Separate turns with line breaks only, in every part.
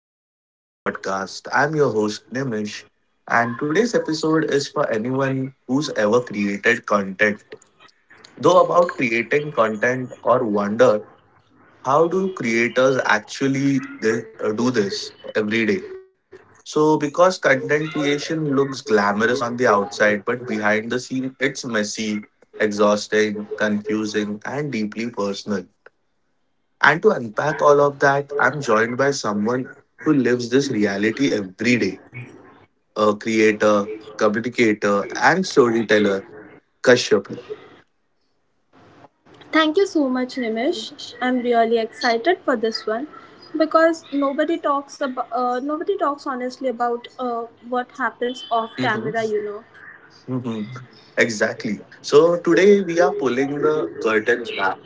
welcome back to podcast. I'm your host Nimish and today's episode is for anyone who's ever created content. Though about creating content or wonder how do creators actually do this every day? So because content creation looks glamorous on the outside but behind the scene it's messy, exhausting, confusing and deeply personal. And to unpack all of that, I'm joined by someone who lives this reality every day a creator, communicator, and storyteller, Kashyap.
Thank you so much, Nimish. I'm really excited for this one because nobody talks about nobody talks honestly about what happens off camera.
Mhm.
You know.
Mhm. Exactly. So today we are pulling the curtains back.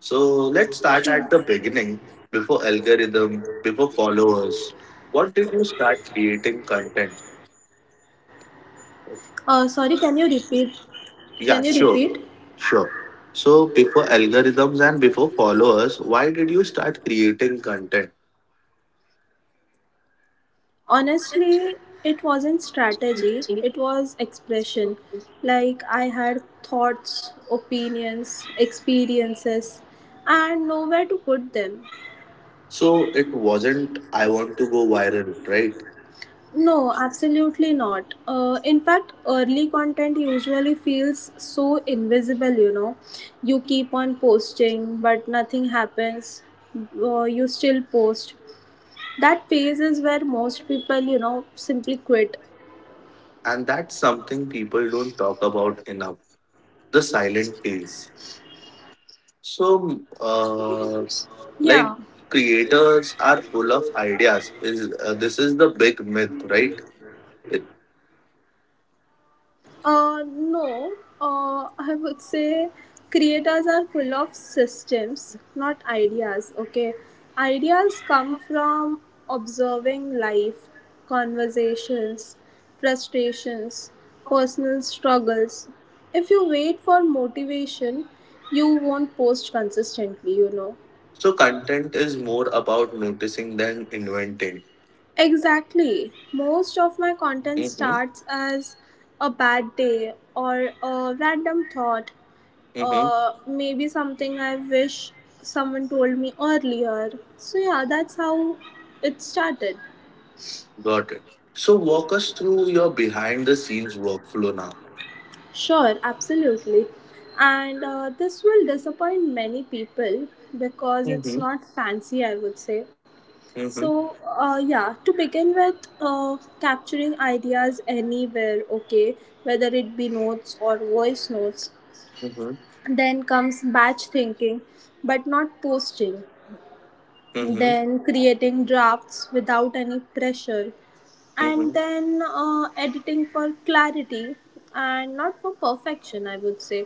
So let's start at the beginning before algorithm, before followers. What did you start creating content?
Sorry, can you repeat?
Yeah,
Can you
sure,
repeat?
sure. So before algorithms and before followers, why did you start creating content?
Honestly, it wasn't strategy. It was expression. Like I had thoughts, opinions, experiences, and nowhere to put them.
So it wasn't, I want to go viral, right?
No, absolutely not. In fact, early content usually feels so invisible, you know. You keep on posting, but nothing happens. You still post. That phase is where most people simply quit.
And that's something people don't talk about enough the silent phase. So, uh,
Yeah.
like, creators are full of ideas. Is this is the big myth, right? It,
No, I would say creators are full of systems, not ideas. Okay, ideas come from observing life, conversations, frustrations, personal struggles. If you wait for motivation, you won't post consistently.
so, content is more about noticing than inventing.
Exactly. Most of my content
Mm-hmm,
starts as a bad day or a random thought,
mm-hmm,
maybe something I wish someone told me earlier. So, yeah, that's how it started.
got it. So, walk us through your behind the scenes workflow now.
Sure, absolutely. And this will disappoint many people because it's
Mm-hmm,
not fancy, I would say.
mm-hmm,
So, to begin with, capturing ideas anywhere, okay, whether it be notes or voice notes.
mm-hmm,
Then comes batch thinking, but not posting.
mm-hmm.
Then creating drafts without any pressure,
Mm-hmm.
and then editing for clarity and not for perfection, I would say.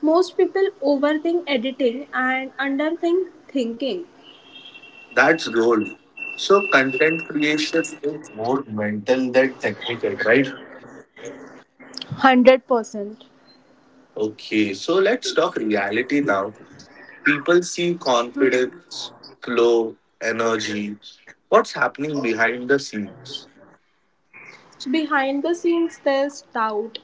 Most people overthink editing and underthink thinking.
That's gold. So content creation is more mental than technical, right?
100%.
Okay, so let's talk reality now. People see confidence, glow, energy. What's happening behind the scenes?
Behind the scenes, there's doubt,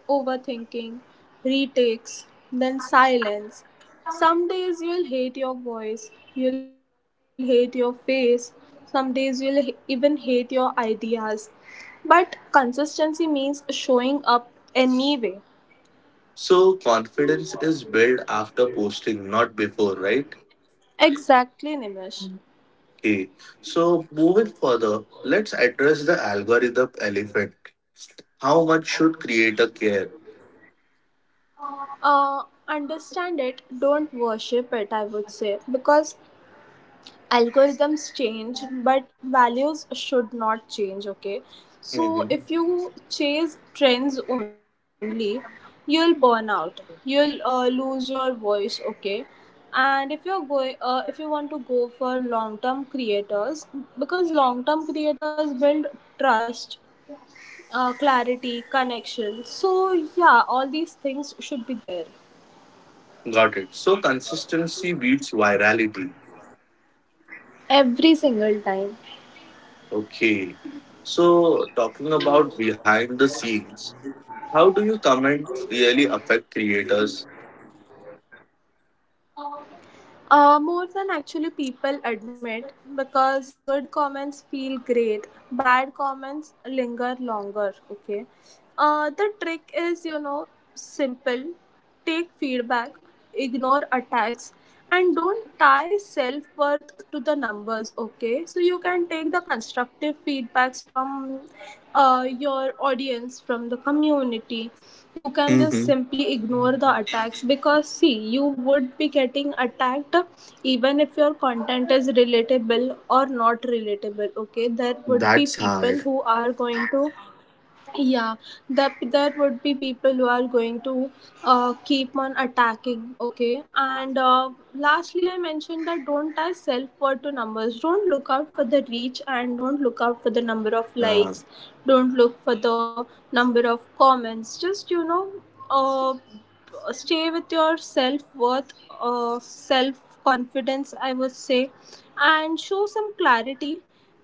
overthinking, retakes, then silence. Some days you'll hate your voice, you'll hate your face, some days even hate your ideas. But consistency means showing up anyway.
So confidence is built after posting, not before, right?
Exactly, Nimish.
Okay. So moving further, let's address the algorithm elephant. How much should creator care?
Uh, Understand it, don't worship it, I would say, because algorithms change but values should not change. Okay, so
Mm-hmm.
if you chase trends only, you'll burn out, you'll lose your voice. Okay, and if you want to go for long term creators, because long term creators build trust, clarity, connection. So yeah, all these things should be there.
Got it. So consistency beats virality.
Every single time.
Okay. So talking about behind the scenes, how do you comment really affect creators?
More than actually people admit, because good comments feel great, bad comments linger longer. Okay. The trick is simple: take feedback, ignore attacks, and don't tie self worth to the numbers. Okay. So you can take the constructive feedbacks from your audience, from the community. You can just
Hmm.
simply ignore the attacks, because see, you would be getting attacked even if your content is relatable or not relatable. Okay, there would be
That's
people
hard.
who are going to, yeah, that there would be people who are going to keep on attacking. Okay, and lastly, I mentioned that don't tie self-worth to numbers, don't look out for the reach and don't look out for the number of
Yeah,
likes, don't look for the number of comments. Just uh, stay with your self-worth, self-confidence, I would say, and show some clarity.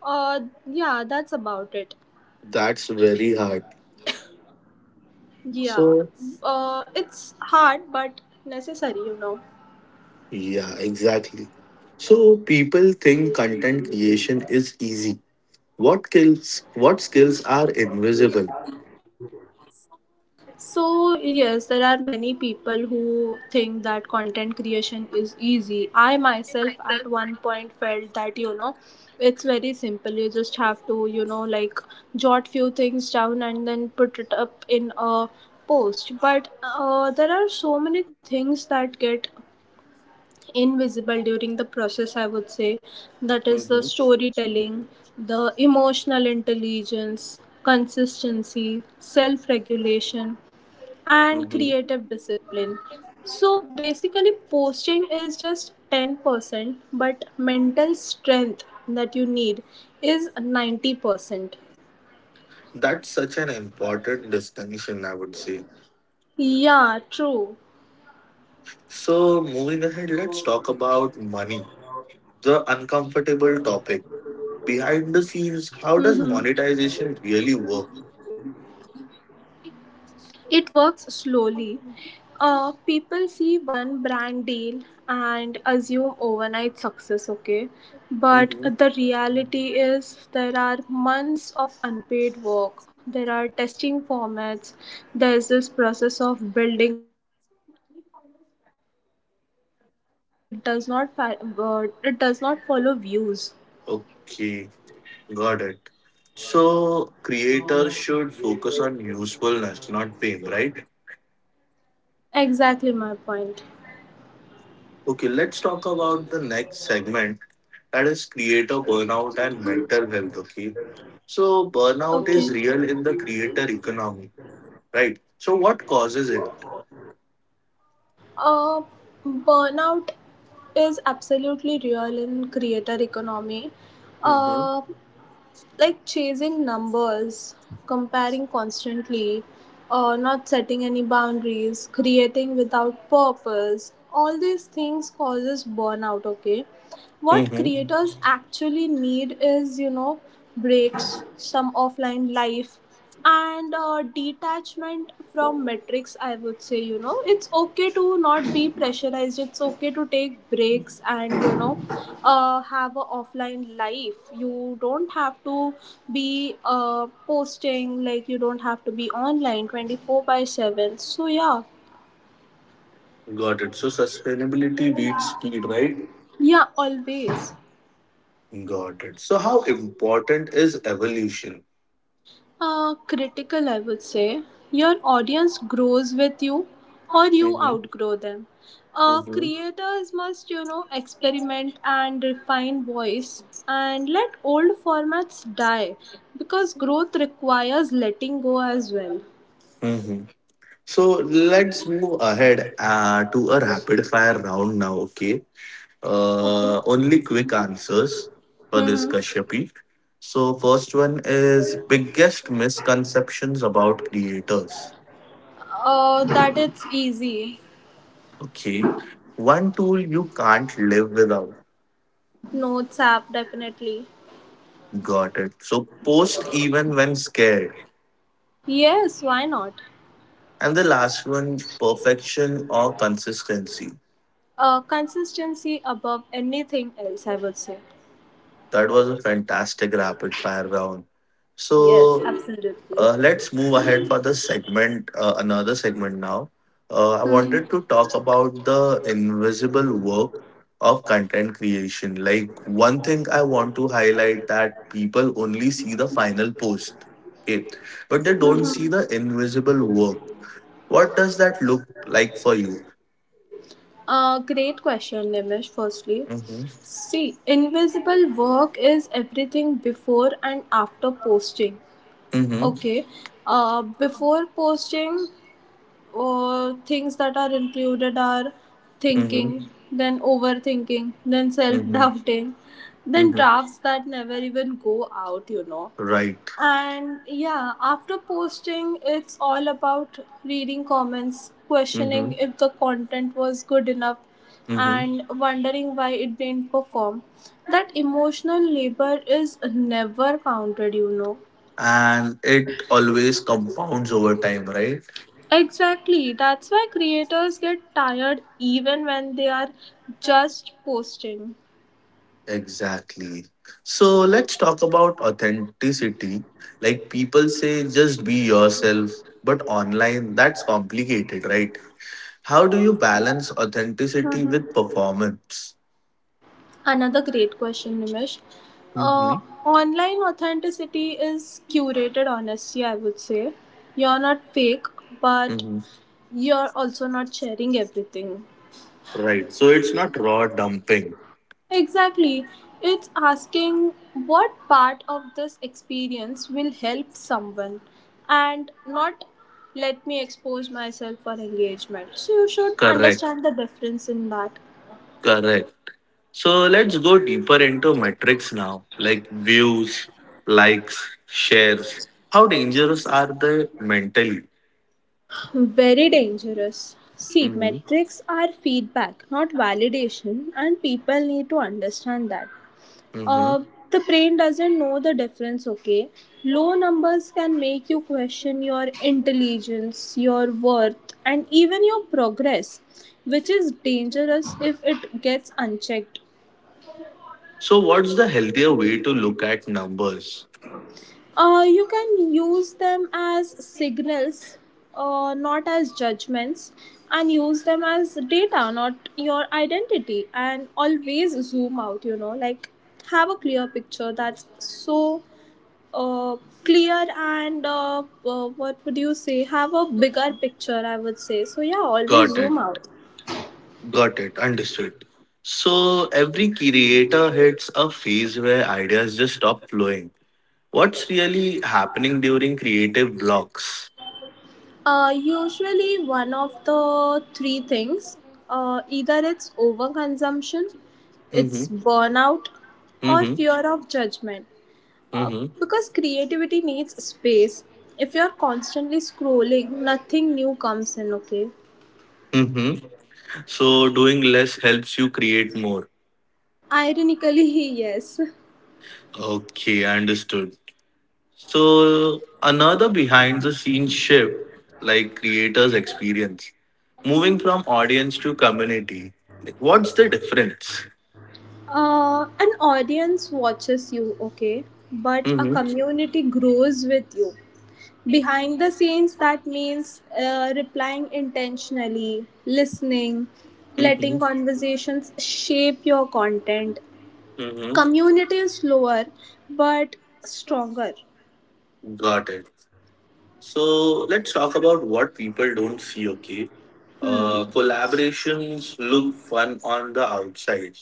uh, yeah, that's about it.
that's very hard.
Yeah,
So
it's hard but necessary, you know.
yeah, exactly. So people think content creation is easy. What skills are invisible?
So yes, there are many people who think that content creation is easy. I myself at one point felt that, you know, it's very simple. You just have to, you know, like, jot few things down and then put it up in a post. But there are so many things that get invisible during the process, I would say. That is the
Hmm.
storytelling, the emotional intelligence, consistency, self regulation, and
Hmm.
creative discipline. So basically posting is just 10%, but mental strength that you need is 90%.
That's such an important distinction, I would say.
Yeah, true.
So, moving ahead, let's talk about money. The uncomfortable topic behind the scenes. How does
Hmm.
monetization really work?
It works slowly. People see one brand deal and assume overnight success, okay? But
Hmm.
the reality is, there are months of unpaid work, there are testing formats, there's this process of building trust. So money follows value, okay? It does not follow views.
Okay, got it. So, creators should focus on usefulness, not fame, right?
Exactly my point.
Okay, let's talk about the next segment that is creator burnout and mental health. Okay, so burnout
Okay.
is real in the creator economy, right? So, what causes it?
Uh, Burnout is absolutely real in creator economy.
Hmm.
Uh, like chasing numbers, comparing constantly, not setting any boundaries, creating without purpose. All these things causes burnout. Okay, what
Hmm.
creators actually need is, you know, breaks, some offline life, and detachment from metrics. I would say, you know, it's okay to not be pressurized. It's okay to take breaks and, you know, have a offline life. You don't have to be posting, like, you don't have to be online 24/7. So, yeah.
Got it. So, sustainability beats speed, right?
Yeah, always.
Got it. So, how important is evolution?
Critical, I would say. Your audience grows with you or you
Mm-hmm.
outgrow them.
Mm-hmm.
Creators must, you know, experiment and refine voice and let old formats die, because growth requires letting go as well.
Mm-hmm. So, let's move ahead to a rapid fire round now, okay?
Okay.
Only quick answers for this
Mm-hmm.
Kashyapi. So, first one is biggest misconceptions about creators.
That it's easy.
Okay. One tool you can't live without.
Notes app, definitely.
Got it. So, post even when scared.
Yes, why not?
And the last one, perfection or consistency.
Consistency above anything else, I would say.
That was a fantastic rapid fire round.
Yes,
So
absolutely.
let's move ahead for the segment, another segment now. I
Mhm.
wanted to talk about the invisible work of content creation. Like one thing I want to highlight that people only see the final post, okay, but they don't see the invisible work. What does that look like for you?
Great question, Nimish. Firstly,
Mm-hmm.
see, invisible work is everything before and after posting.
Mm-hmm.
Okay, before posting, things that are included are
Mm-hmm.
thinking, then overthinking, then self
Mm-hmm.
doubting, then
Mm-hmm.
drafts that never even go out, you know.
Right.
And yeah, after posting, it's all about reading comments, questioning
Mm-hmm.
if the content was good enough,
Mm-hmm.
and wondering why it didn't perform. That emotional labor is never counted, you know.
And it always compounds over time, right?
Exactly, that's why creators get tired even when they are just posting.
Exactly. So let's talk about authenticity. Like people say, just be yourself, but online, that's complicated, right? How do you balance authenticity with performance?
Another great question, Nimish. Uh,
Mm-hmm.
Online authenticity is curated honesty, I would say. You're not fake, but
Mm-hmm.
you're also not sharing everything.
Right. So it's not raw dumping.
Exactly. It's asking what part of this experience will help someone and not let me expose myself for engagement. So you should
Correct.
understand the difference in that.
Correct. So let's go deeper into metrics now, like views, likes, shares. How dangerous are they mentally?
Very dangerous. See,
Hmm.
metrics are feedback, not validation, and people need to understand that.
Hmm.
Uh, the brain doesn't know the difference, okay? Low numbers can make you question your intelligence, your worth, and even your progress, which is dangerous if it gets unchecked.
So, what's the healthier way to look at numbers?
You can use them as signals, not as judgments, and use them as data, not your identity. And always zoom out, you know, like, have a clear picture that's so uh, clear and what would you say? Have a bigger picture, I would say. So, yeah, always
Got it.
zoom out.
Got it. Understood. So, every creator hits a phase where ideas just stop flowing. What's really happening during creative blocks?
Usually one of the three things. Either it's overconsumption, it's
Mm-hmm.
burnout, or
Mm-hmm.
fear of judgment. Uh,
Mm-hmm.
because creativity needs space. If you're constantly scrolling, nothing new comes in, okay?
Mm-hmm. So, doing less helps you create more.
Ironically, yes.
Okay, I understood. So, another behind the scenes shift like creators' experience. Moving from audience to community, like, what's the difference?
An audience watches you, okay? But a
Hmm.
community grows with you. Behind the scenes, that means replying intentionally, listening, letting
Hmm.
conversations shape your content.
Hmm.
Community is slower but stronger.
Got it. So let's talk about what people don't see, okay?
Hmm.
Collaborations look fun on the outside.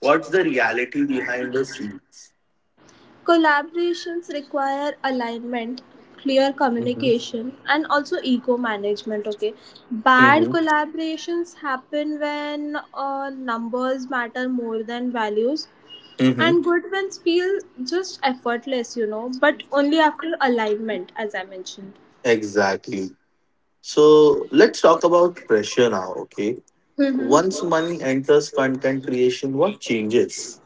What's the reality behind the scenes?
Collaborations require alignment, clear
Mm-hmm.
communication, and also ego management. Okay, bad
Mm-hmm.
collaborations happen when numbers matter more than values.
Mm-hmm.
And good ones feel just effortless, you know, but only after alignment, as I mentioned.
Exactly. So let's talk about pressure now, okay? Once
Mm-hmm.
money enters content creation, what changes?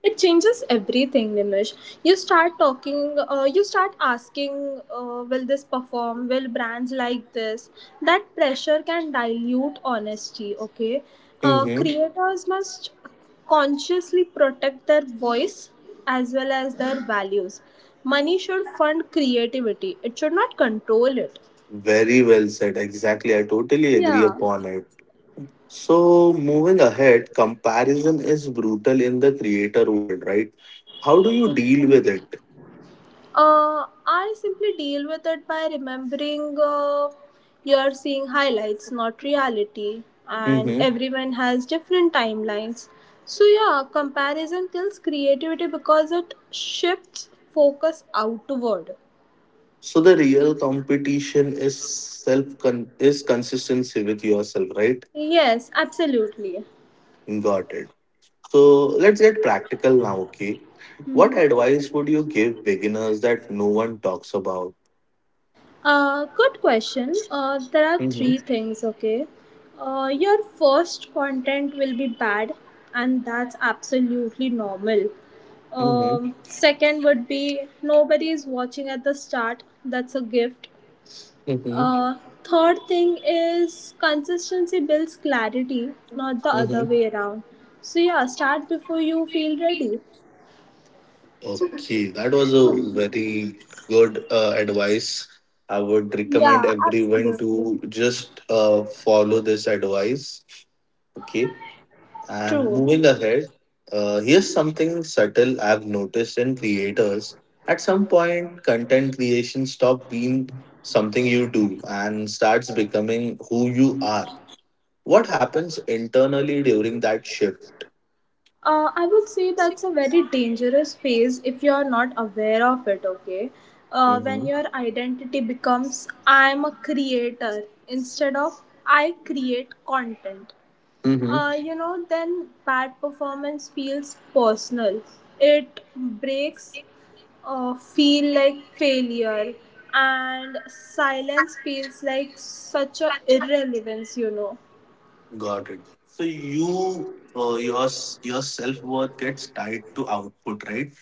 It changes everything, Nimish. You start asking, will this perform? Will brands like this? That pressure can dilute honesty, okay?
Mm-hmm.
Creators must consciously protect their voice as well as their values. Money should fund creativity, it should not control it.
Very well said. Exactly. I totally agree
Yeah.
upon it. So, moving ahead, comparison is brutal in the creator world, right? How do you deal with it?
I simply deal with it by remembering, you're seeing highlights, not reality, and
Hmm.
everyone has different timelines. So, yeah, comparison kills creativity because it shifts focus outward.
So, the real competition is is consistency with yourself, right?
Yes, absolutely.
Got it. So, let's get practical now, okay? What advice would you give beginners that no one talks about?
Good question. There are
Mm-hmm.
three things, okay? Your first content will be bad, and that's absolutely normal.
Mm-hmm.
Second would be nobody is watching at the start, that's a gift. Uh, Third thing is consistency builds clarity, not the
Mm-hmm.
other way around. So, yeah, start before you feel ready.
Okay, that was a very good advice. I would recommend
Yeah,
everyone
absolutely.
to just follow this advice. Okay, and
True.
moving ahead, here's something subtle I've noticed in creators. At some point, content creation stops being something you do and starts becoming who you are. What happens internally during that shift?
I would say that's a very dangerous phase if you're not aware of it, okay? When
Mm-hmm.
your identity becomes I'm a creator instead of I create content.
Mm-hmm.
Then bad performance feels personal. It breaks, feel like failure, and silence feels like such a irrelevance, you know.
Got it. So you, your self worth gets tied to output, right?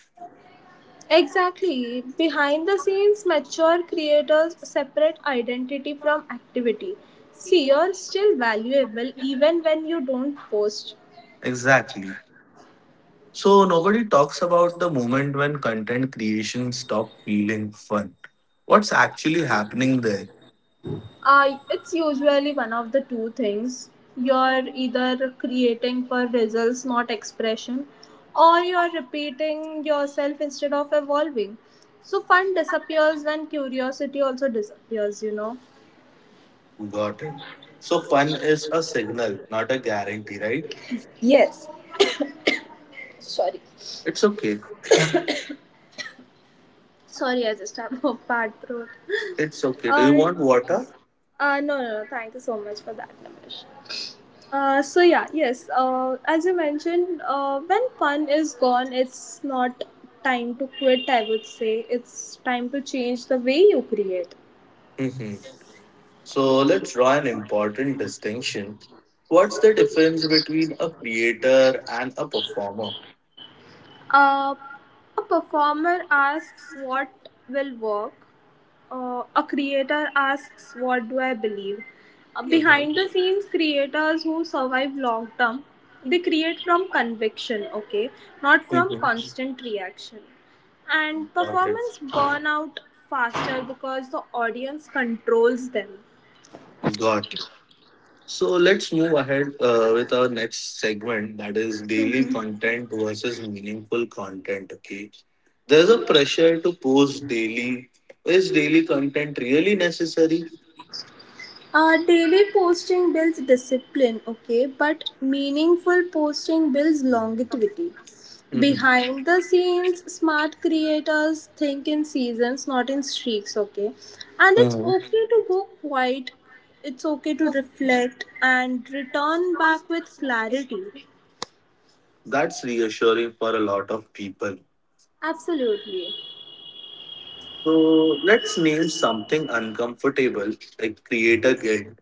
Exactly. Behind the scenes, mature creators separate identity from activity. See, you're still valuable even when you don't post.
Exactly. So nobody talks about the moment when content creation stopped feeling fun. What's actually happening there?
It's usually one of the two things. You're either creating for results, not expression, or you're repeating yourself instead of evolving. So, fun disappears when curiosity also disappears, you know.
Got it. So fun is a signal, not a guarantee, right?
Yes, sorry.
It's okay.
Sorry, I just have a bad throat.
It's okay. Do you
Uh,
want water?
No, no, no, thank you so much for that, Nimish. Yes. As you mentioned, when fun is gone, it's not time to quit. I would say it's time to change the way you create.
Hmm. So let's draw an important distinction. What's the difference between a creator and a performer?
Uh, a performer asks what will work, a creator asks what do I believe.
Mhm.
Behind the scenes, creators who survive long term, they create from conviction, okay, not from
Mhm.
constant reaction. And
Got it.
performance burn out faster because the audience controls them.
Got it. So let's move ahead with our next segment that is daily content versus meaningful content. Okay. There's a pressure to post daily. Is daily content really necessary?
Daily posting builds discipline, okay, but meaningful posting builds longevity.
Mhm.
Behind the scenes, smart creators think in seasons, not in streaks, okay. And it's
Mhm.
okay to go quiet, it's okay to reflect and return back with clarity.
That's reassuring for a lot of people.
Absolutely.
So let's name something uncomfortable like creator guilt,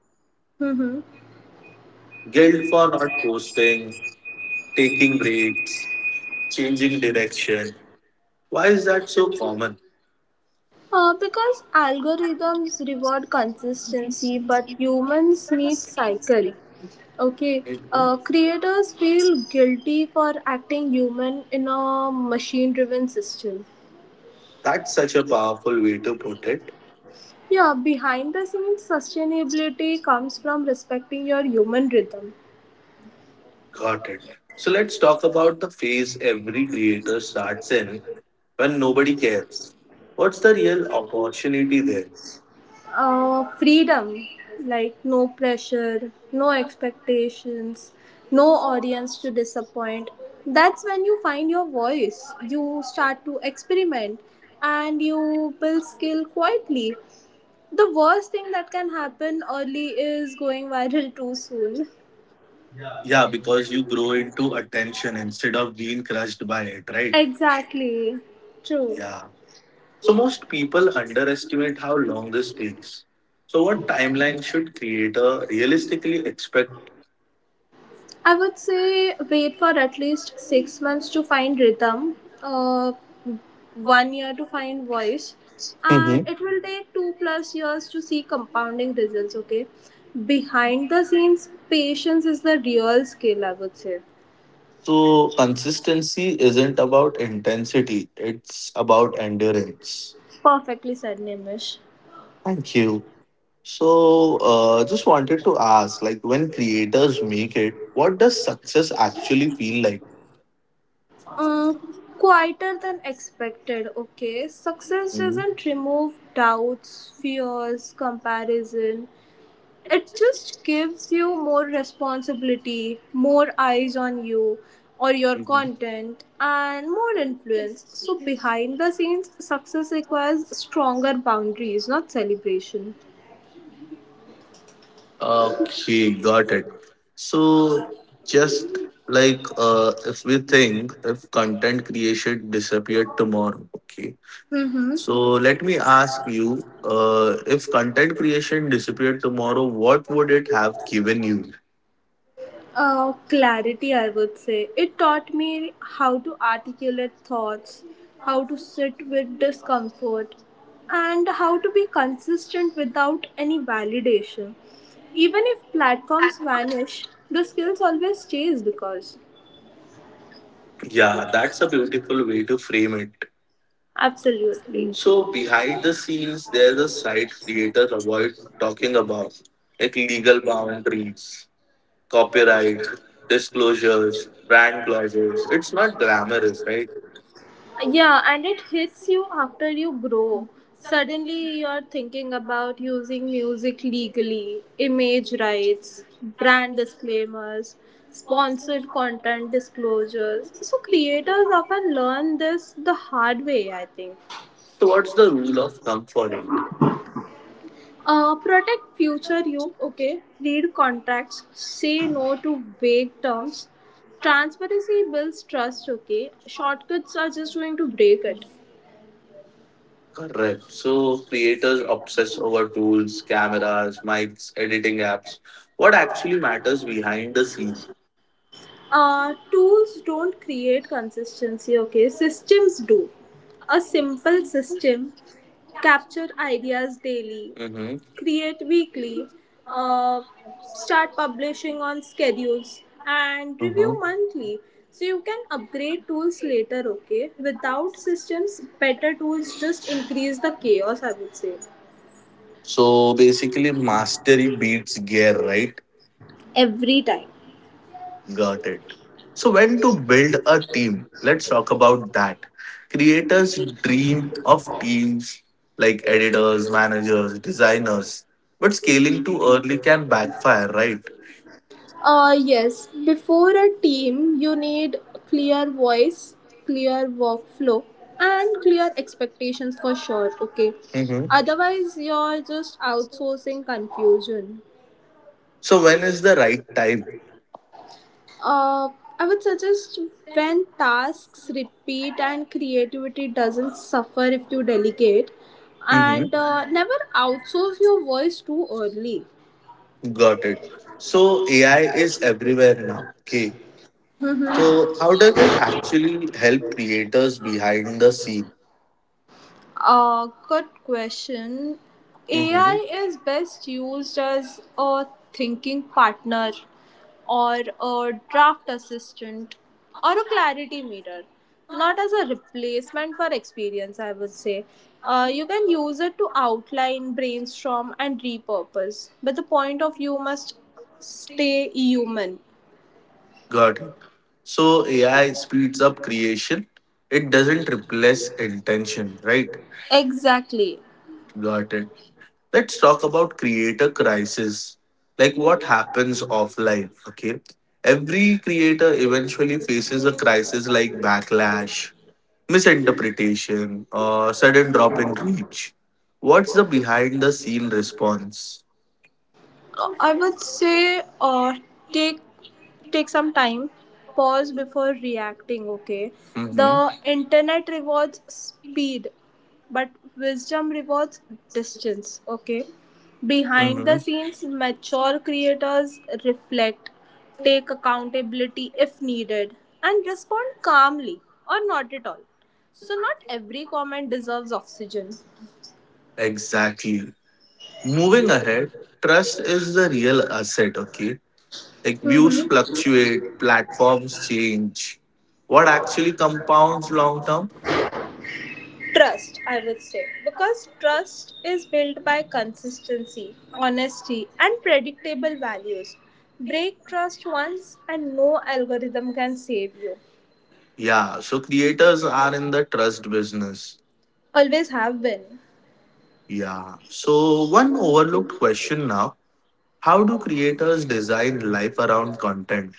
Mm-hmm.
guilt for not posting, taking breaks, changing direction. Why is that so common?
Because algorithms reward consistency, but humans need cycle. Okay,
Mhm.
creators feel guilty for acting human in a machine-driven system.
That's such a powerful way to put it.
Yeah, behind the scenes, sustainability comes from respecting your human rhythm.
Got it. So let's talk about the phase every creator starts in when nobody cares. What's the real opportunity there?
Freedom, like no pressure, no expectations, no audience to disappoint. That's when you find your voice, you start to experiment, and you build skill quietly. The worst thing that can happen early is going viral too soon.
Yeah, because you grow into attention instead of being crushed by it, right?
Exactly. True.
Yeah. So most people underestimate how long this takes. So what timeline should creator realistically expect?
I would say wait for at least 6 months to find rhythm, uh, 1 year to find voice, and it will take 2+ years to see compounding results. Okay, behind the scenes, patience is the real skill, I would say.
So consistency isn't about intensity, it's about endurance.
Perfectly said, Nimish.
Thank you. So just wanted to ask like when creators make it, what does success actually feel like?
Um, Quieter than expected. Okay, success
Mhm,
doesn't remove doubts, fears, comparison. It just gives you more responsibility, more eyes on you or your
mhm.
content, and more influence. So, behind the scenes, success requires stronger boundaries, not celebration.
Okay, got it. So just like if we think if content creation disappeared tomorrow, okay,
Mm-hmm.
so let me ask you, if content creation disappeared tomorrow, what would it have given you?
Clarity, I would say. It taught me how to articulate thoughts, how to sit with discomfort, and how to be consistent without any validation. Even if platforms vanish, the skills always stays because.
Yeah, that's a beautiful way to frame it.
Absolutely.
So behind the scenes, there's a side creators avoid talking about, like legal boundaries, copyright, disclosures, brand clauses. It's not glamorous, right?
Yeah, and it hits you after you grow. Suddenly, you're thinking about using music legally, image rights, brand disclaimers, sponsored content disclosures. So, creators often learn this the hard way, I think.
So what's the rule of thumb for it?
Protect future you, okay? Read contracts, say no to vague terms. Transparency builds trust, okay? Shortcuts are just going to break it.
Correct. So creators obsess over tools, cameras, mics, editing apps. What actually matters behind the scenes?
Tools don't create consistency, okay, systems do. A simple system: capture ideas daily,
Hmm.
create weekly, uh, start publishing on schedules, and review
Mm-hmm.
monthly. So you can upgrade tools later, okay? Without systems, better tools just increase the chaos, I would say.
So basically, mastery beats gear, right?
Every time.
Got it. So, when to build a team? Let's talk about that. Creators dream of teams like editors, managers, designers, but scaling too early can backfire, right?
Yes, before a team, you need clear voice, clear workflow, and clear expectations for sure. Okay,
Mm-hmm.
otherwise, you're just outsourcing confusion.
So, when is the right time?
Uh, I would suggest when tasks repeat and creativity doesn't suffer if you delegate, and never outsource your voice too early.
Got it. So AI is everywhere now. Okay. So how does it actually help creators behind the scene?
Good question.
Hmm.
AI is best used as a thinking partner or a draft assistant or a clarity mirror, not as a replacement for experience, I would say. You can use it to outline, brainstorm, and repurpose, but the point of view must stay human.
Got it. So AI speeds up creation. It doesn't replace intention, right?
Exactly.
Got it. Let's talk about creator crisis like what happens offline okay every creator eventually faces a crisis like backlash misinterpretation or sudden drop in reach what's the behind the scene response
I would say, take take some time, pause before reacting. Okay, the
mm-hmm.
internet rewards speed, but wisdom rewards distance. Okay,
Mm-hmm.
behind the scenes, mature creators reflect, take accountability if needed, and respond calmly or not at all. So not every comment deserves oxygen.
Exactly. Moving ahead, trust is the real asset, okay? Like views
Mm-hmm.
fluctuate, platforms change. What actually compounds long term?
Trust, I would say, because trust is built by consistency, honesty, and predictable values. Break trust once, and no algorithm can save you.
Yeah, so creators are in the trust business.
Always have been.
Yeah. So, one overlooked question now how do creators design life around content?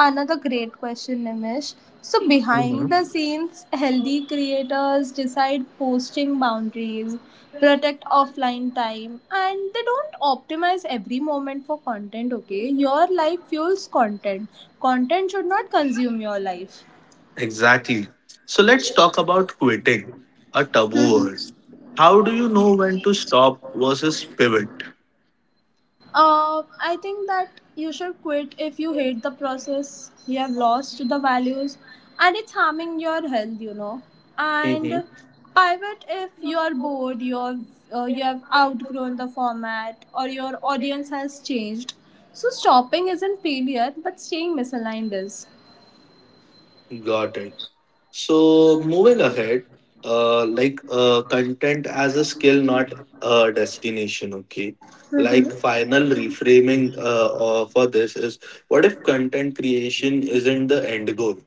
Another great question, Nimish. So, behind
Mhm.
the scenes, healthy creators decide posting boundaries, protect offline time, and they don't optimize every moment for content, okay? Your life fuels content. Content should not consume your life.
Exactly. So, let's talk about quitting, a taboo word. How do you know when to stop versus pivot?
I think that you should quit if you hate the process, you have lost the values, and it's harming your health, you know. And
Mhm.
pivot if you are bored, you have outgrown the format, or your audience has changed. So, stopping isn't failure, but staying misaligned is.
Got it. So moving ahead, content as a skill, not a destination. Okay, like final reframing for this is: what if content creation isn't the end goal?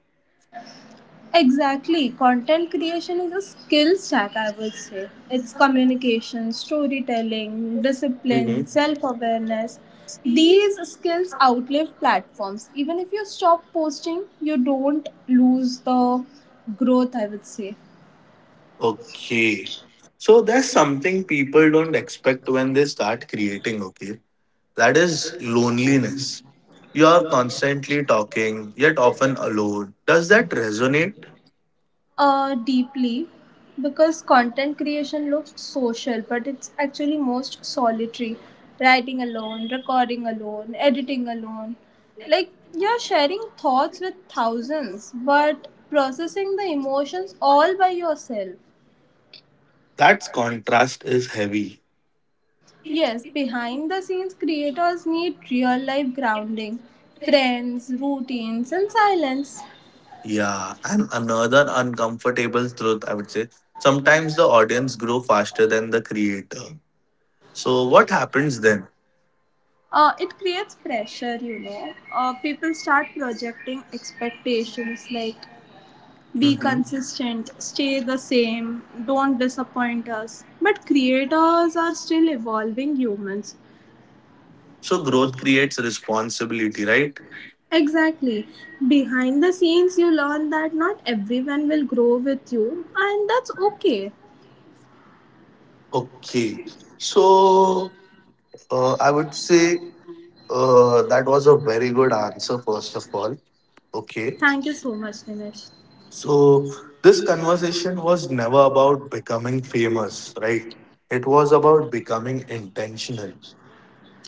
Exactly. Content creation is a skill stack, I would say. It's communication, storytelling,
Mm-hmm.
discipline, self awareness. These skills outlive platforms. Even if you stop posting, you don't lose the growth, I would say.
Okay, so there's something people don't expect when they start creating. Okay, that is loneliness. You're constantly talking, yet often alone. Does that resonate?
Deeply, because content creation looks social, but it's actually most solitary. Writing alone, recording alone, editing alone. Like, you're sharing thoughts with thousands, but processing the emotions all by yourself.
That contrast is heavy.
Yes, behind the scenes, creators need real life grounding, friends, routines, and silence.
Yeah, and another uncomfortable truth, I would say. Sometimes the audience grow faster than the creator. So what happens then?
It creates pressure, you know. People start projecting expectations, like be
Hmm.
consistent, stay the same, don't disappoint us. But creators are still evolving humans.
So growth creates responsibility, right?
Exactly. Behind the scenes, you learn that not everyone will grow with you, and that's okay.
Okay. So I would say that was a very good answer, first of all. Okay.
Thank you so much, Nimish.
So this conversation was never about becoming famous, right? It was about becoming intentional.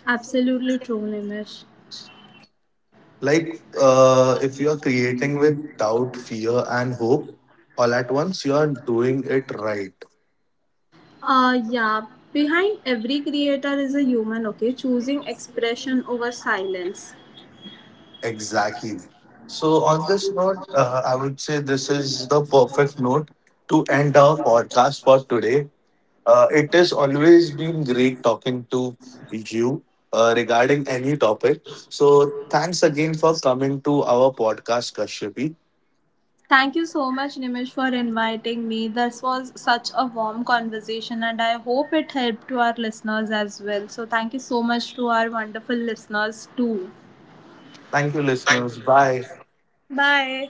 Absolutely true, Nimish.
Like, if you're creating with doubt, fear, and hope all at once, you are doing it right.
Yeah, behind every creator is a human, okay? Choosing expression over silence.
Exactly. So, on this note, I would say this is the perfect note to end our podcast for today. It has always been great talking to you regarding any topic. So, thanks again for coming to our podcast, Kashyapi.
Thank you so much, Nimish, for inviting me. This was such a warm conversation, and I hope it helped to our listeners as well. So, thank you so much to our wonderful listeners, too.
Thank you, listeners. Bye.
Bye.